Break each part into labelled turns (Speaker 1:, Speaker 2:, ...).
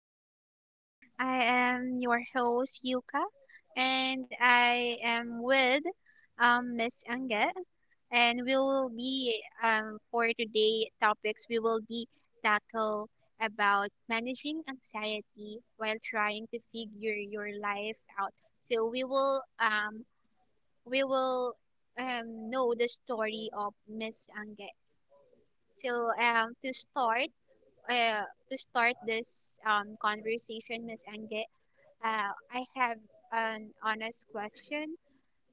Speaker 1: everyone. I am your host Yuka, and I am with Miss Anget, and we will be for today topics we will be tackle about managing anxiety while trying to figure your life out. So we will know the story of Miss Anget. So um, to start uh, to start this conversation, Miss Enge, I have an honest question.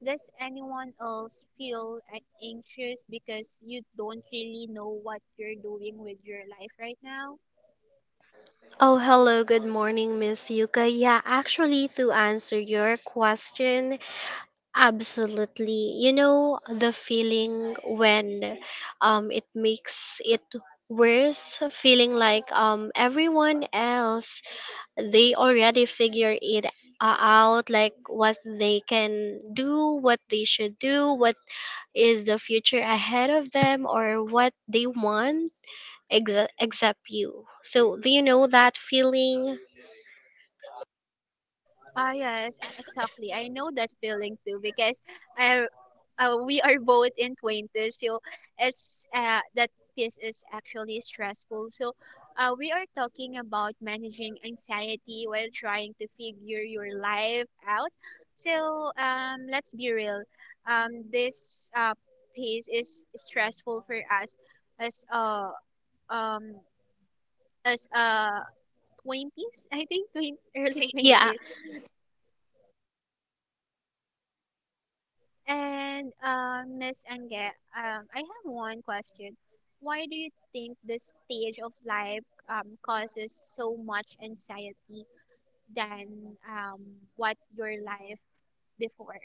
Speaker 1: Does anyone else feel anxious because you don't really know what you're doing with your life right now?
Speaker 2: Oh, hello. Good morning, Miss Yuka. Yeah, actually, to answer your question, absolutely. You know, the feeling when it makes it worse, feeling like everyone else, they already figure it out, like what they can do, what they should do, what is the future ahead of them, or what they want, except you. So, do you know that feeling?
Speaker 1: Ah, yes, exactly. I know that feeling too because I, we are both in 20s, so it's that piece is actually stressful. So we are talking about managing anxiety while trying to figure your life out. So let's be real. This piece is stressful for us as uh, um, as 20s, I think. 20, early. Yeah,
Speaker 2: Yeah,
Speaker 1: 20s. And Miss Ange, I have one question. Why do you think this stage of life causes so much anxiety than what your life before?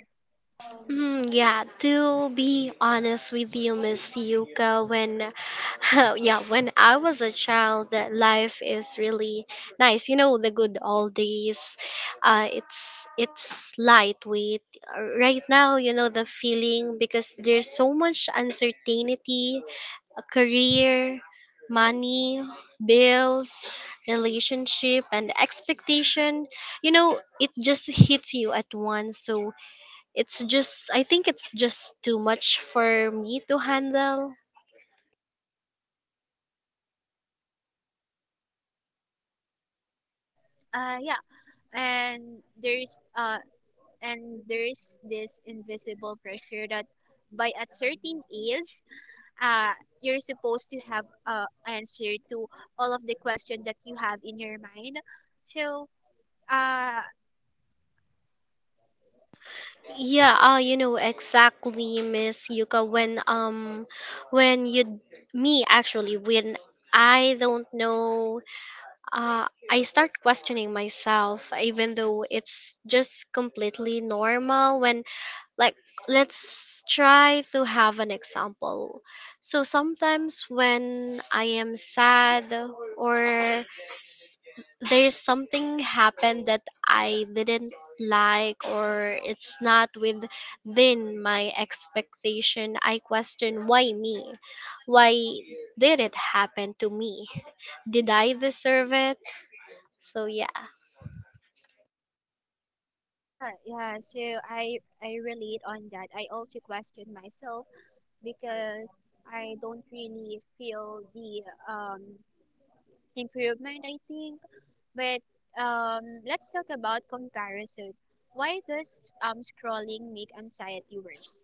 Speaker 2: mm, yeah. To be honest with you, Miss Yuka, when yeah, when I was a child, that life is really nice. You know, the good old days. It's lightweight right now. You know the feeling because there's so much uncertainty, a career, money, bills, relationship, and expectation. You know, it just hits you at once. So it's just I think it's just too much for me to handle.
Speaker 1: Yeah, and there's this invisible pressure that by a certain age, uh, you're supposed to have answer to all of the question that you have in your mind. So. Uh,
Speaker 2: Yeah, you know exactly, Miss Yuka. When you me actually when I don't know, I start questioning myself, even though it's just completely normal. When, like, let's try to have an example. So sometimes when I am sad or, there's something happened that I didn't like, or it's not within my expectation, I question, why me? Why did it happen to me? Did I deserve it? So yeah.
Speaker 1: Ah, yeah, so I I relate on that. I also question myself because I don't really feel the um improvement, I think. But let's talk about comparison. Why does scrolling make anxiety worse?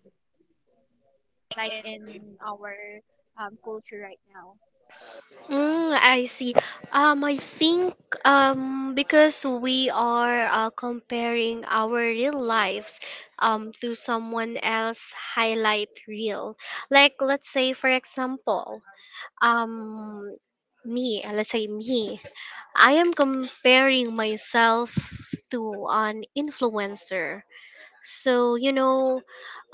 Speaker 1: Like in our culture right now.
Speaker 2: Mm, I see. I think because we are comparing our real lives to someone else highlight reel. Like, let's say, for example, um, let's say me, I am comparing myself to an influencer. So, you know,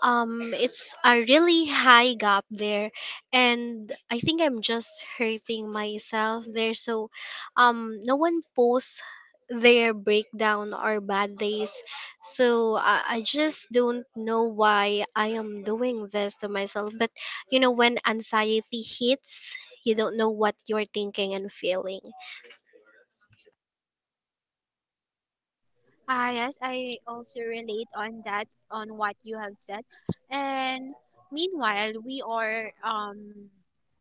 Speaker 2: it's a really high gap there, and I think I'm just hurting myself there. So, no one posts their breakdown or bad days, so I just don't know why I am doing this to myself. But you know, when anxiety hits, you don't know what you're thinking and feeling.
Speaker 1: Ah, yes, I also relate on that, on what you have said. And meanwhile, we are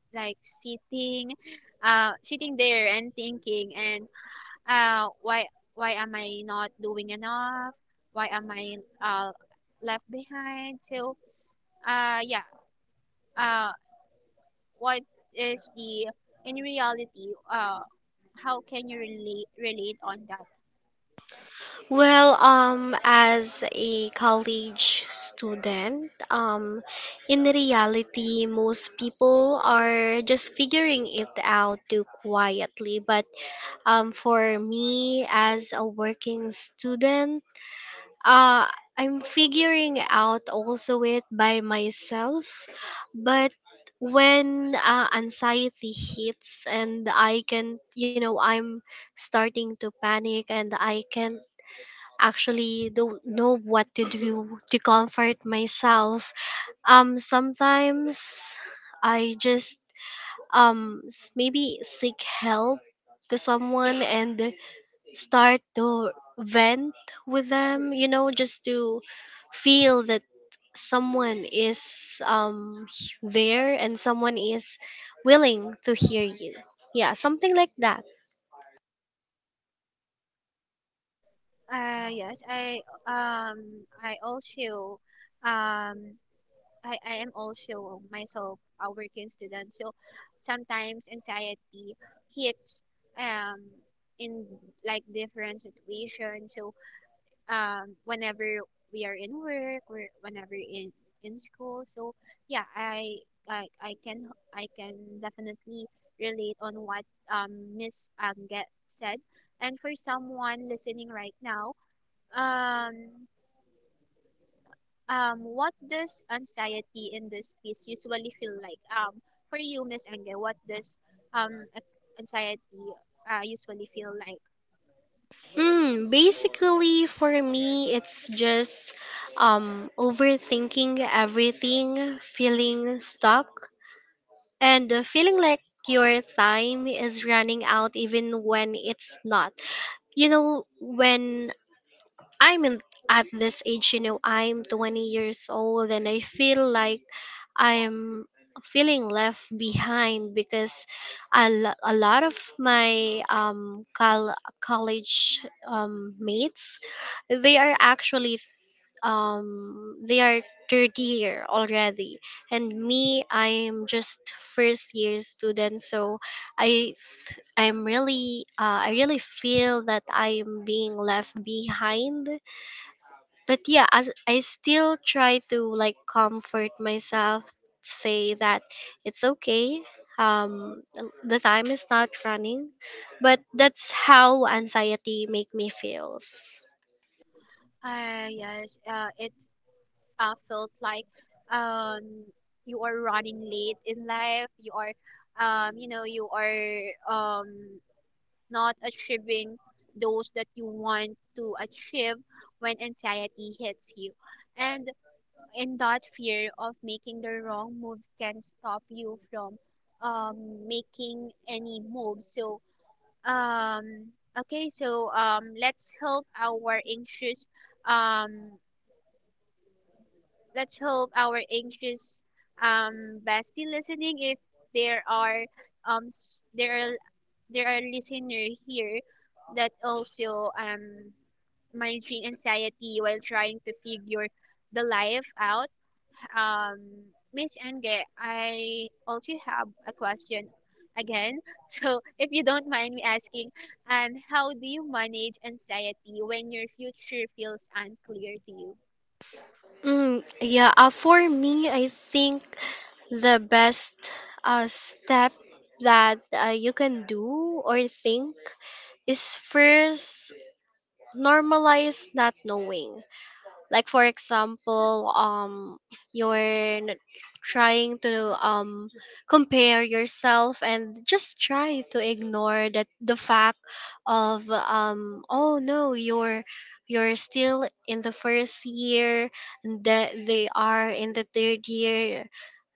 Speaker 1: like sitting, sitting there and thinking, and uh, why why am I not doing enough? Why am I left behind? So, yeah, uh, what is the in reality, how can you relate on that?
Speaker 2: Well, as a college student, in reality, most people are just figuring it out too quietly. But for me, as a working student, uh, I'm figuring out also it by myself. But when anxiety hits and I can, you know, I'm starting to panic and I can't actually don't know what to do to comfort myself. Sometimes I just maybe seek help to someone and start to vent with them. You know, just to feel that someone is there and someone is willing to hear you. Yeah, something like that.
Speaker 1: Yes, um I also um I am also myself a working student. So sometimes anxiety hits um in like different situations. So whenever we are in work or whenever in school. So yeah, I can definitely relate on what Miss Anget said. And for someone listening right now, um what does anxiety in this piece usually feel like, for you, Miss Angel, what does um a- anxiety usually feel like?
Speaker 2: Mm, basically, for me, it's just overthinking everything, feeling stuck, and feeling like your time is running out even when it's not. You know, when I'm in, at this age, you know, I'm 20 years old and I feel like I'm feeling left behind because a lot of my college mates, they are actually they are third year already, and me, I am just first year student. So I th- I'm really I really feel that I'm being left behind. But yeah, as I still try to like comfort myself, say that it's okay. um the time is not running, but that's how anxiety make me feels.
Speaker 1: Yes, it felt like um you are running late in life you are um not achieving those that you want to achieve when anxiety hits you. And that fear of making the wrong move can stop you from making any move. So um, okay, so let's help our anxious um, let's help our anxious bestie listening if there are s- there are listener here that also, managing anxiety while trying to figure the life out. um, Miss Enge, I also have a question again. So, if you don't mind me asking, how do you manage anxiety when your future feels unclear to you?
Speaker 2: Mm, yeah. For me, I think the best step that you can do or think is first, normalize not knowing. Like, for example, you're n- trying to compare yourself, and just try to ignore that the fact of, oh no, you're you're still in the first year and that they are in the third year.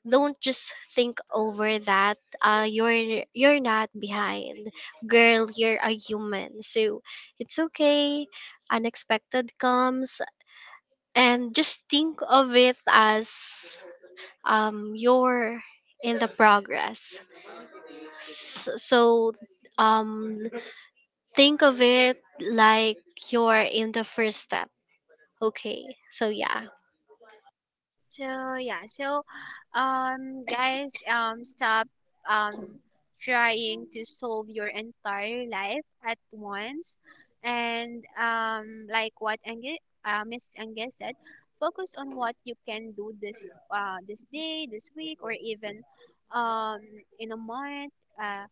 Speaker 2: Don't just think over that. You're not behind, girl. You're a human, so it's okay. Unexpected comes, and just think of it as, you're in the progress. So um think of it like you're in the first step, okay? So yeah.
Speaker 1: So yeah, so guys, stop um trying to solve your entire life at once, and what Ange Miss Ange said, focus on what you can do this day, this week, or even um in a month.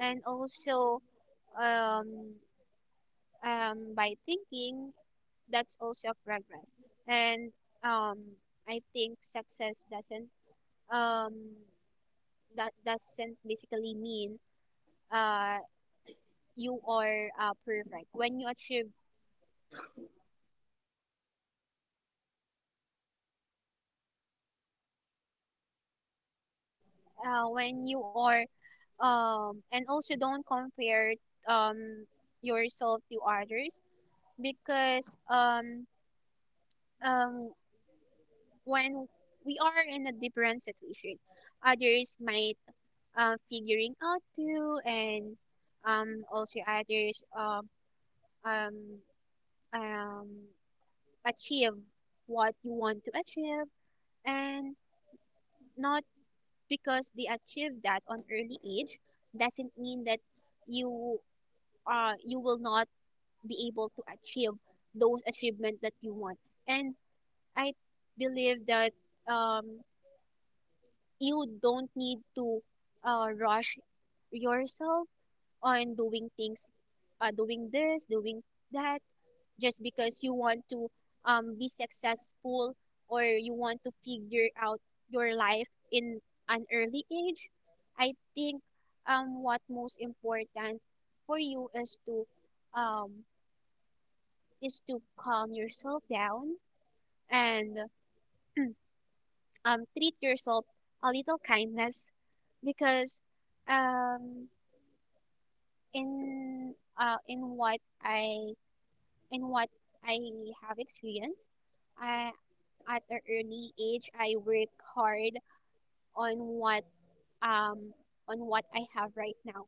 Speaker 1: And also, um by thinking, that's also a progress. And um I think success doesn't, um that doesn't basically mean uh you are perfect when you achieve when you are and also don't compare um yourself to others. Because um when we are in a different situation, others might figuring out too. And also others, um, um, achieve what you want to achieve. And not because they achieve that on early age doesn't mean that you you will not be able to achieve those achievements that you want. And I believe that, um, you don't need to rush yourself on doing things, doing this, doing that, just because you want to be successful, or you want to figure out your life in an early age. I think, what most important for you is um, to calm yourself down and treat yourself a little kindness. Because um, in what in what I have experienced, I, at an early age, I work hard on what, um I have right now,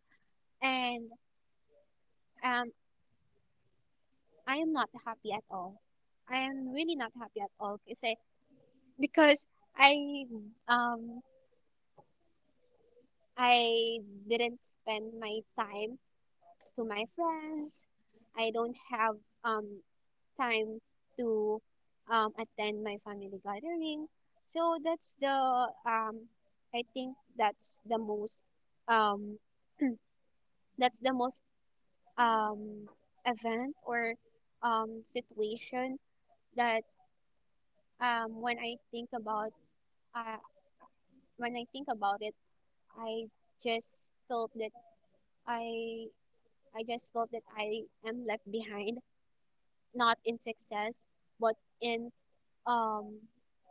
Speaker 1: and um I am not happy at all. I am really not happy at all kasi, because I um I didn't spend my time to my friends. I don't have um time to attend my family gathering. So that's the, I think that's the most, um, that's the most um, event or situation that, when uh, I think about it, I just felt that I I just felt that I am left behind, not in success, but in, um,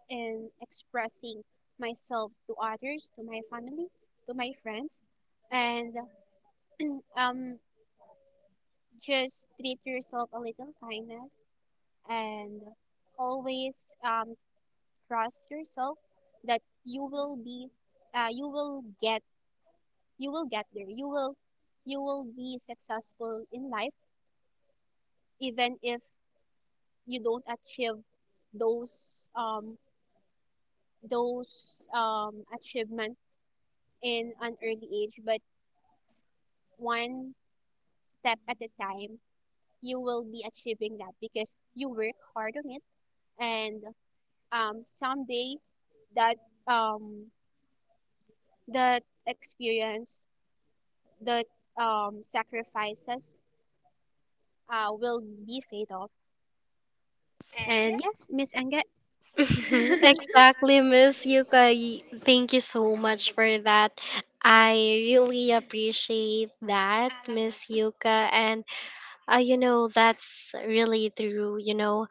Speaker 1: expressing myself to others, to my family, to my friends. And um, just treat yourself a little kindness, and always trust yourself that uh, you will get, you will get there. You will be successful in life, even if you don't achieve those, achievement in an early age. But one step at a time, you will be achieving that because you work hard on it. And someday that, um, that experience, that, sacrifices will be paid off. And yes, Miss Anget.
Speaker 2: Exactly, Miss Yuka. Thank you so much for that. I really appreciate that, Miss Yuka. And you know, that's really true. You know,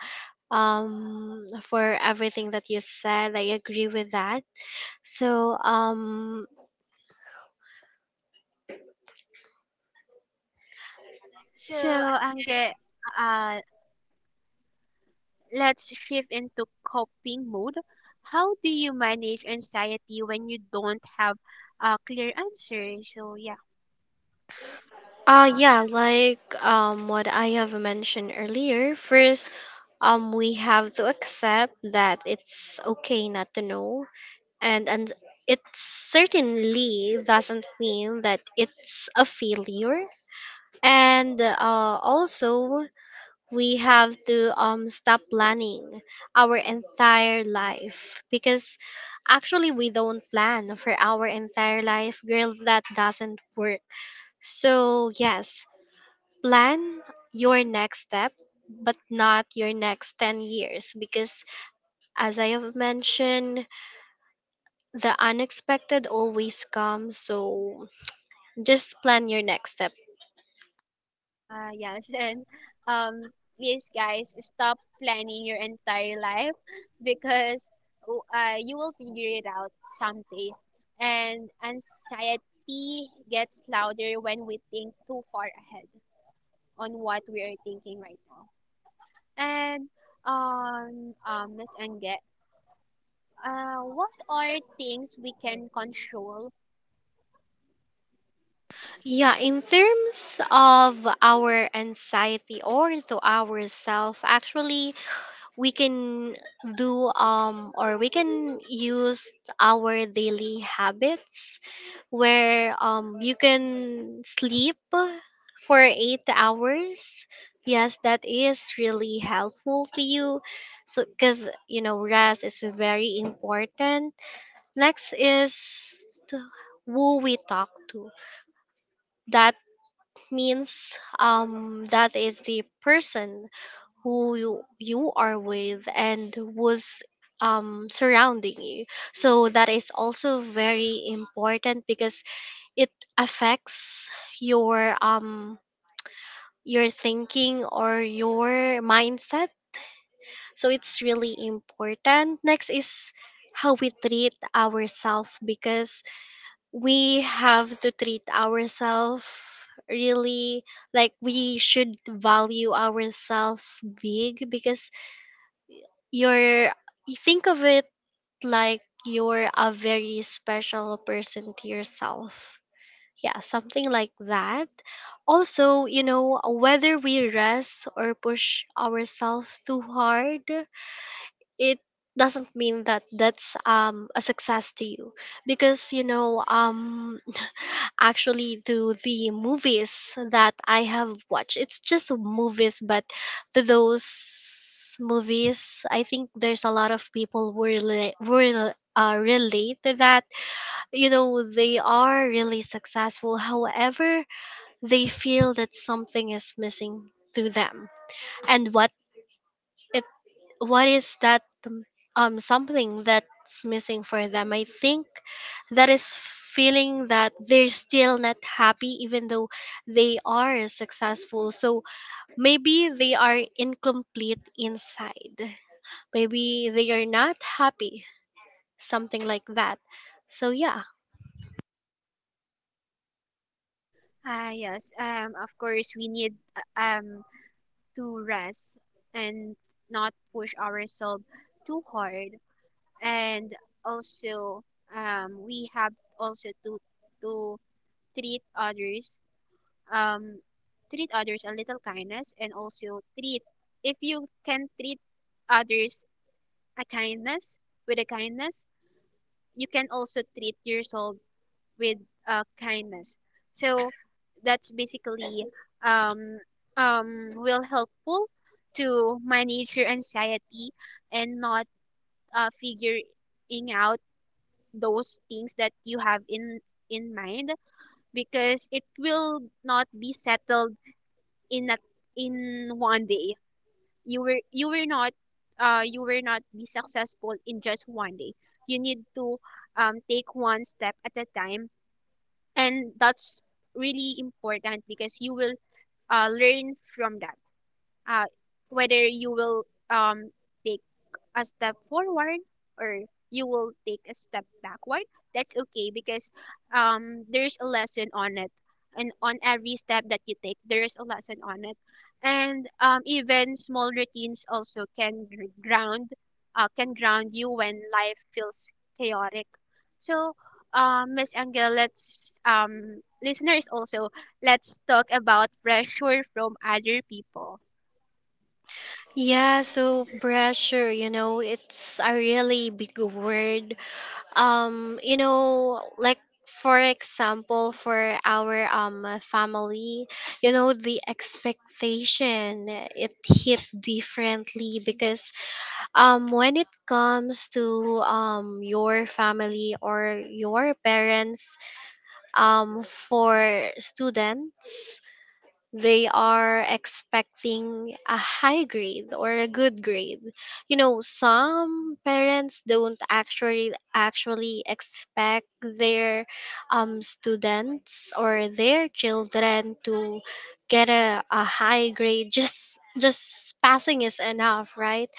Speaker 2: for everything that you said, I agree with that. so um
Speaker 1: So,
Speaker 2: so
Speaker 1: Ange, uh, let's shift into coping mode. How do you manage anxiety when you don't have a clear answer? So, yeah.
Speaker 2: yeah, like what I have mentioned earlier, first, we have to accept that it's okay not to know. And it certainly doesn't mean that it's a failure. And also, we have to stop planning our entire life, because actually we don't plan for our entire life, girl. That doesn't work. So yes, plan your next step, but not your next 10 years, because as I have mentioned, the unexpected always comes. So just plan your next step.
Speaker 1: Yes, and um, please, guys, stop planning your entire life because you will figure it out someday. And anxiety gets louder when we think too far ahead on what we are thinking right now. And Miss Anget, what are things we can control?
Speaker 2: Yeah, in terms of our anxiety or to ourself, actually we can do or we can use our daily habits, where you can sleep for 8 hours. Yes, that is really helpful to you, so cuz you know, rest is very important. Next is to who we talk to. That means that is the person who you are with and who's surrounding you. So that is also very important, because it affects your um your thinking or your mindset. So it's really important. Next is how we treat ourselves, because we have to treat ourselves really, like, we should value ourselves big, because you're, you think of it like you're a very special person to yourself. Yeah, something like that. Also, you know, whether we rest or push ourselves too hard, it doesn't mean that that's a success to you. Because you know, actually, to the movies that I have watched, it's just movies, but to those movies, I think there's a lot of people who relate to that. You know, they are really successful, however, they feel that something is missing to them. And it what is that, something that's missing for them? I think that is feeling that they're still not happy even though they are successful. So maybe they are incomplete inside, maybe they are not happy, something like that. So yeah.
Speaker 1: Ah, yes. Of course, we need to rest and not push ourselves too hard. And also, we have also to treat others, um, a little kindness. And also treat if you can treat others a kindness with a kindness, you can also treat yourself with, kindness. So that's basically, um, will helpful to manage your anxiety, and not figuring out those things that you have in, mind. Because it will not be settled in a, in one day. You were you were not you will not be successful in just one day. You need to, take one step at a time, and that's really important because you will learn from that, uh, whether you will, um, take a step forward or you will take a step backward. That's okay because there's a lesson on it, and on every step that you take there is a lesson on it. And even small routines also can ground you when life feels chaotic. So, Miss Angel, let's listeners also let's talk about pressure from other people.
Speaker 2: Yeah, so pressure, you know, it's a really big word. You know, like, for example, for our family, you know, the expectation, it hit differently, because when it comes to your family or your parents, for students, they are expecting a high grade or a good grade. You know, some parents don't actually expect their students or their children to get a, high grade. Just passing is enough, right?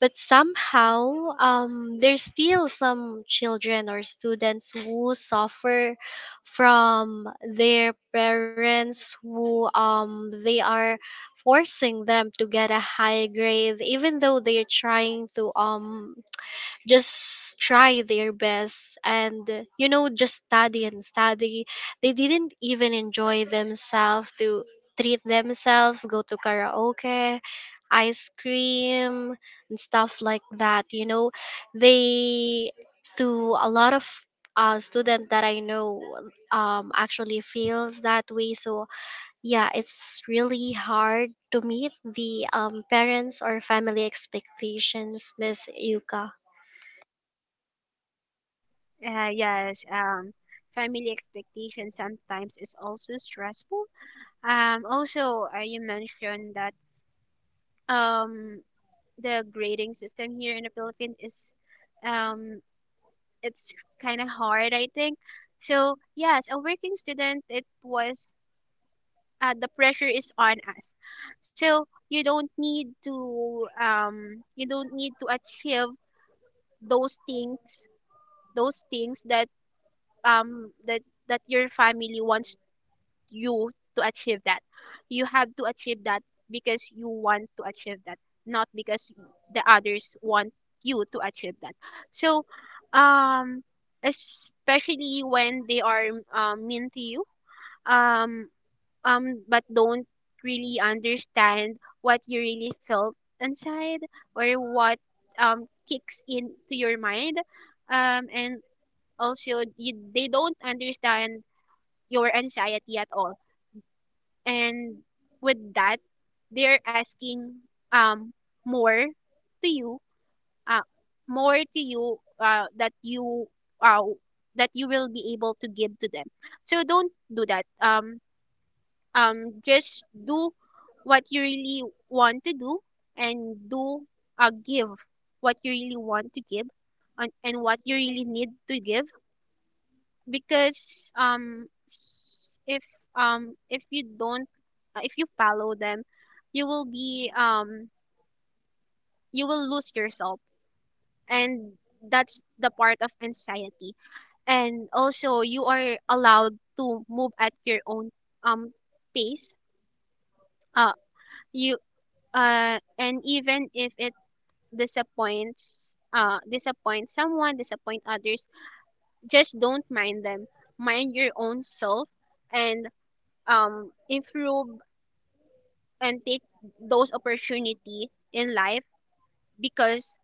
Speaker 2: But somehow, there's still some children or students who suffer from their parents, who they are forcing them to get a high grade, even though they are trying to just try their best. And you know, just study and study, they didn't even enjoy themselves to treat themselves, go to karaoke, ice cream, and stuff like that. You know, they, to a lot of student that I know, actually feels that way. So yeah, it's really hard to meet the parents or family expectations, Miss Yuka.
Speaker 1: Yes, family expectation sometimes is also stressful. Also, you mentioned that, um, the grading system here in the Philippines is um, it's kind of hard, I think. So yes, a working student, it was the pressure is on us. So you don't need to you don't need to achieve those things, that, um that that your family wants you to achieve that. You have to achieve that because you want to achieve that, not because the others want you to achieve that. So, um, especially when they are, mean to you, um, but don't really understand what you really felt inside, or what kicks into your mind, and also they don't understand your anxiety at all. And with that, they're asking um more to you, uh that uh you will be able to give to them. So don't do that. Just do what you really want to do, and do give what you really want to give and what you really need to give. Because if you don't, if you follow them, you will be, you will lose yourself, and that's the part of anxiety. And also you are allowed to move at your own, um pace. Uh you And even if it disappoint someone, disappoint others, just don't mind them. Mind your own self and improve, and take those opportunity in life because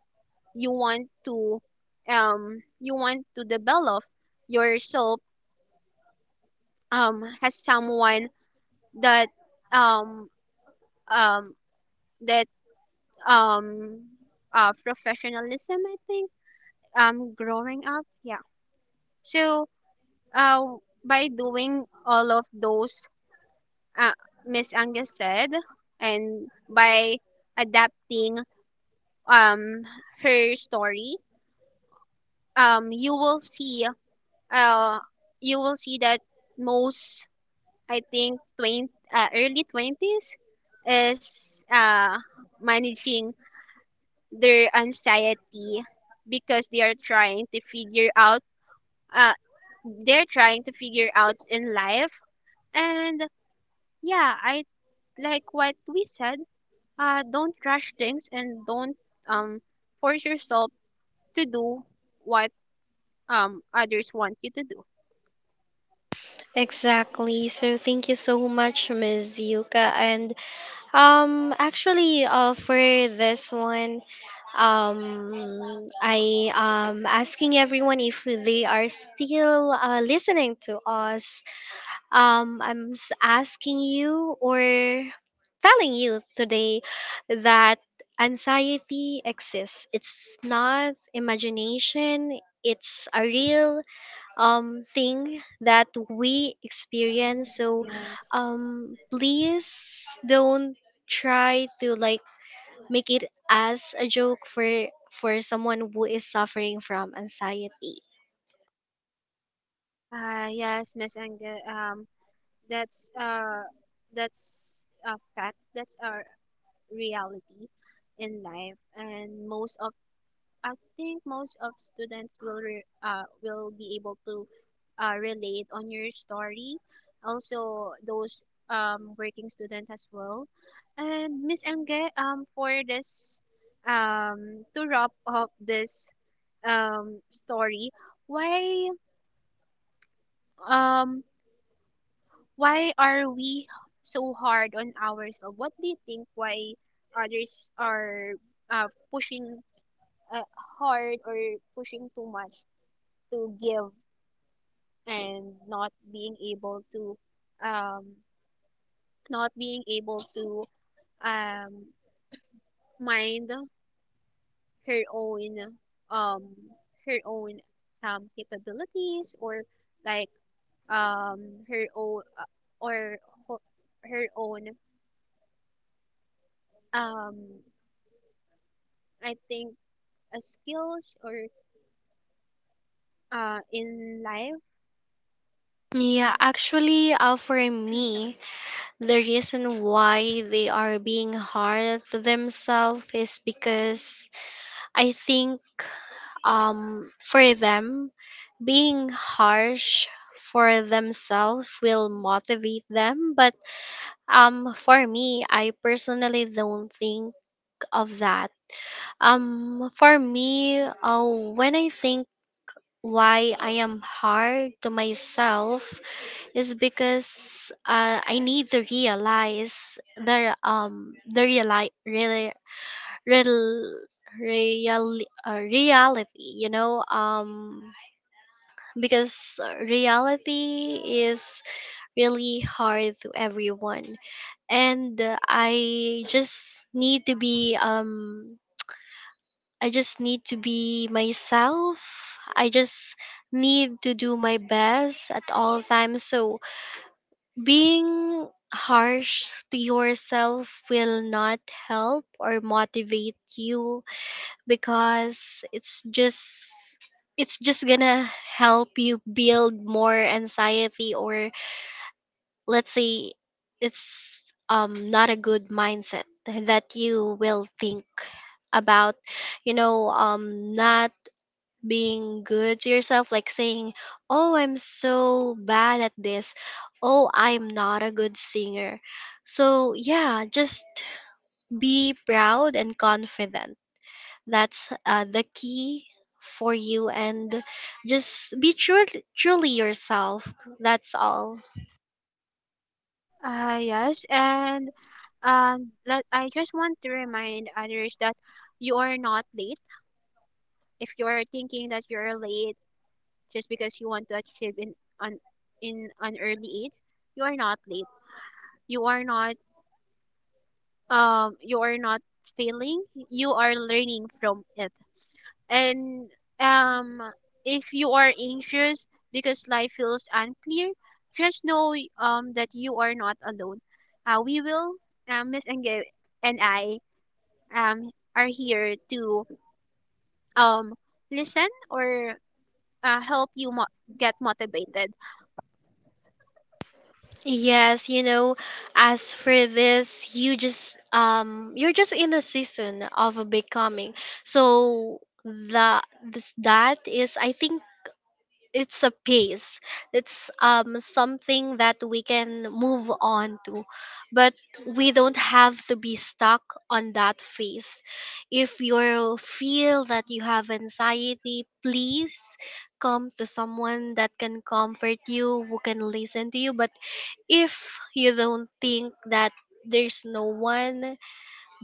Speaker 1: you want to you want to develop yourself, as someone that, um um that um professionalism, I think, growing up. Yeah. So, uh by doing all of those, uh, Miss Angus said, and by adapting, um her story, um you will see uh you will see that most, I think, 20, early 20s is managing their anxiety because uh they're trying to figure out in life. And yeah, I, like what we said, don't rush things and don't, um force yourself to do what, others want you to do.
Speaker 2: Exactly. So thank you so much, Ms. Yuka. And actually, for this one, um I am asking everyone if they are still listening to us. I'm asking you or telling you today that anxiety exists. It's not imagination, it's a real thing that we experience. So
Speaker 1: Yes.
Speaker 2: please don't try to, like, make it as a joke for someone who is suffering from anxiety.
Speaker 1: Yes, Miss Angel. That's uh, that's a fact. That's our reality in life, and most of I think most of students will will be able to, relate on your story. Also, those, working students as well. And Miss Angge, for this, to wrap up this, story, why um why are we so hard on ourselves? What do you think why others are, pushing, uh, hard, or pushing too much to give, and um, not being able to, um, mind her own, um, her own, capabilities, or like her own, or ho- her own, um, I think, skills, or, in life.
Speaker 2: Yeah, actually, for me, the reason why they are being hard to themselves is because I think for them, being harsh for themselves will motivate them. But for me, I personally don't think of that. For me, when I think why I am hard to myself is because I need to realize the real, real reality, you know. Because reality is really hard to everyone. And I just need to be, I just need to be myself. I just need to do my best at all times. So being harsh to yourself will not help or motivate you, because it's just, it's just gonna help you build more anxiety. Or let's say, it's not a good mindset that you will think about. You know, not being good to yourself, like saying, oh, I'm so bad at this, oh, I'm not a good singer. So yeah, just be proud and confident. That's the key for you. And just be true, truly yourself. That's all.
Speaker 1: Yes, and, I just want to remind others that you are not late. If you are thinking that you're late just because you want to achieve in an, early age, you are not late. You are not you are not failing. You are learning from it. And, um, if you are anxious because life feels unclear, just know, that you are not alone. Uh, we will, Miss Enge and I, are here to, um, listen, or help you get motivated.
Speaker 2: Yes, you know, as for this, you just you're just in a season of becoming. So the this, that is, I think, it's a pace, it's something that we can move on to, but we don't have to be stuck on that phase. If you feel that you have anxiety, please come to someone that can comfort you, who can listen to you. But if you don't think that there's no one,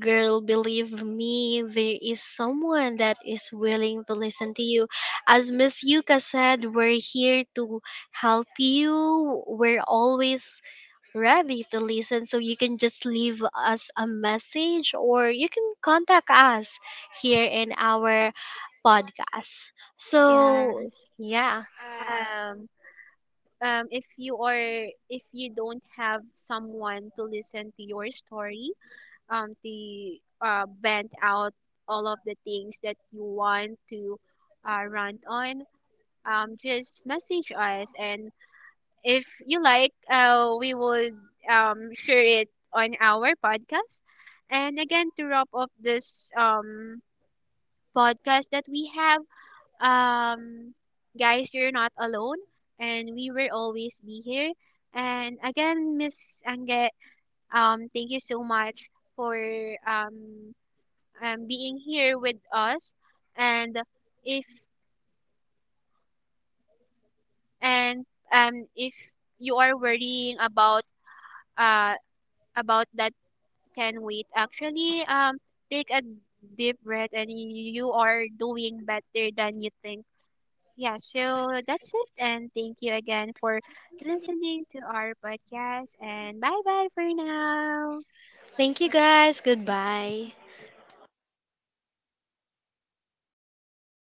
Speaker 2: girl, believe me, there is someone that is willing to listen to you. As Miss Yuka said, we're here to help you. We're always ready to listen. So you can just leave us a message, or you can contact us here in our podcast. So,
Speaker 1: Yes.
Speaker 2: yeah.
Speaker 1: Um, if if you don't have someone to listen to your story, to vent out all of the things that you want to, rant on, just message us. And if you like, we would, share it on our podcast. And again, to wrap up this, podcast that we have, um guys, you're not alone, and we will always be here. And again, Miss Ange, thank you so much for, um being here with us. And if and if you are worrying about, uh, that can wait, actually, take a deep breath, and you are doing better than you think. Yeah, so that's it, and thank you again for listening to our podcast. And bye bye for now.
Speaker 2: Thank you guys. Goodbye.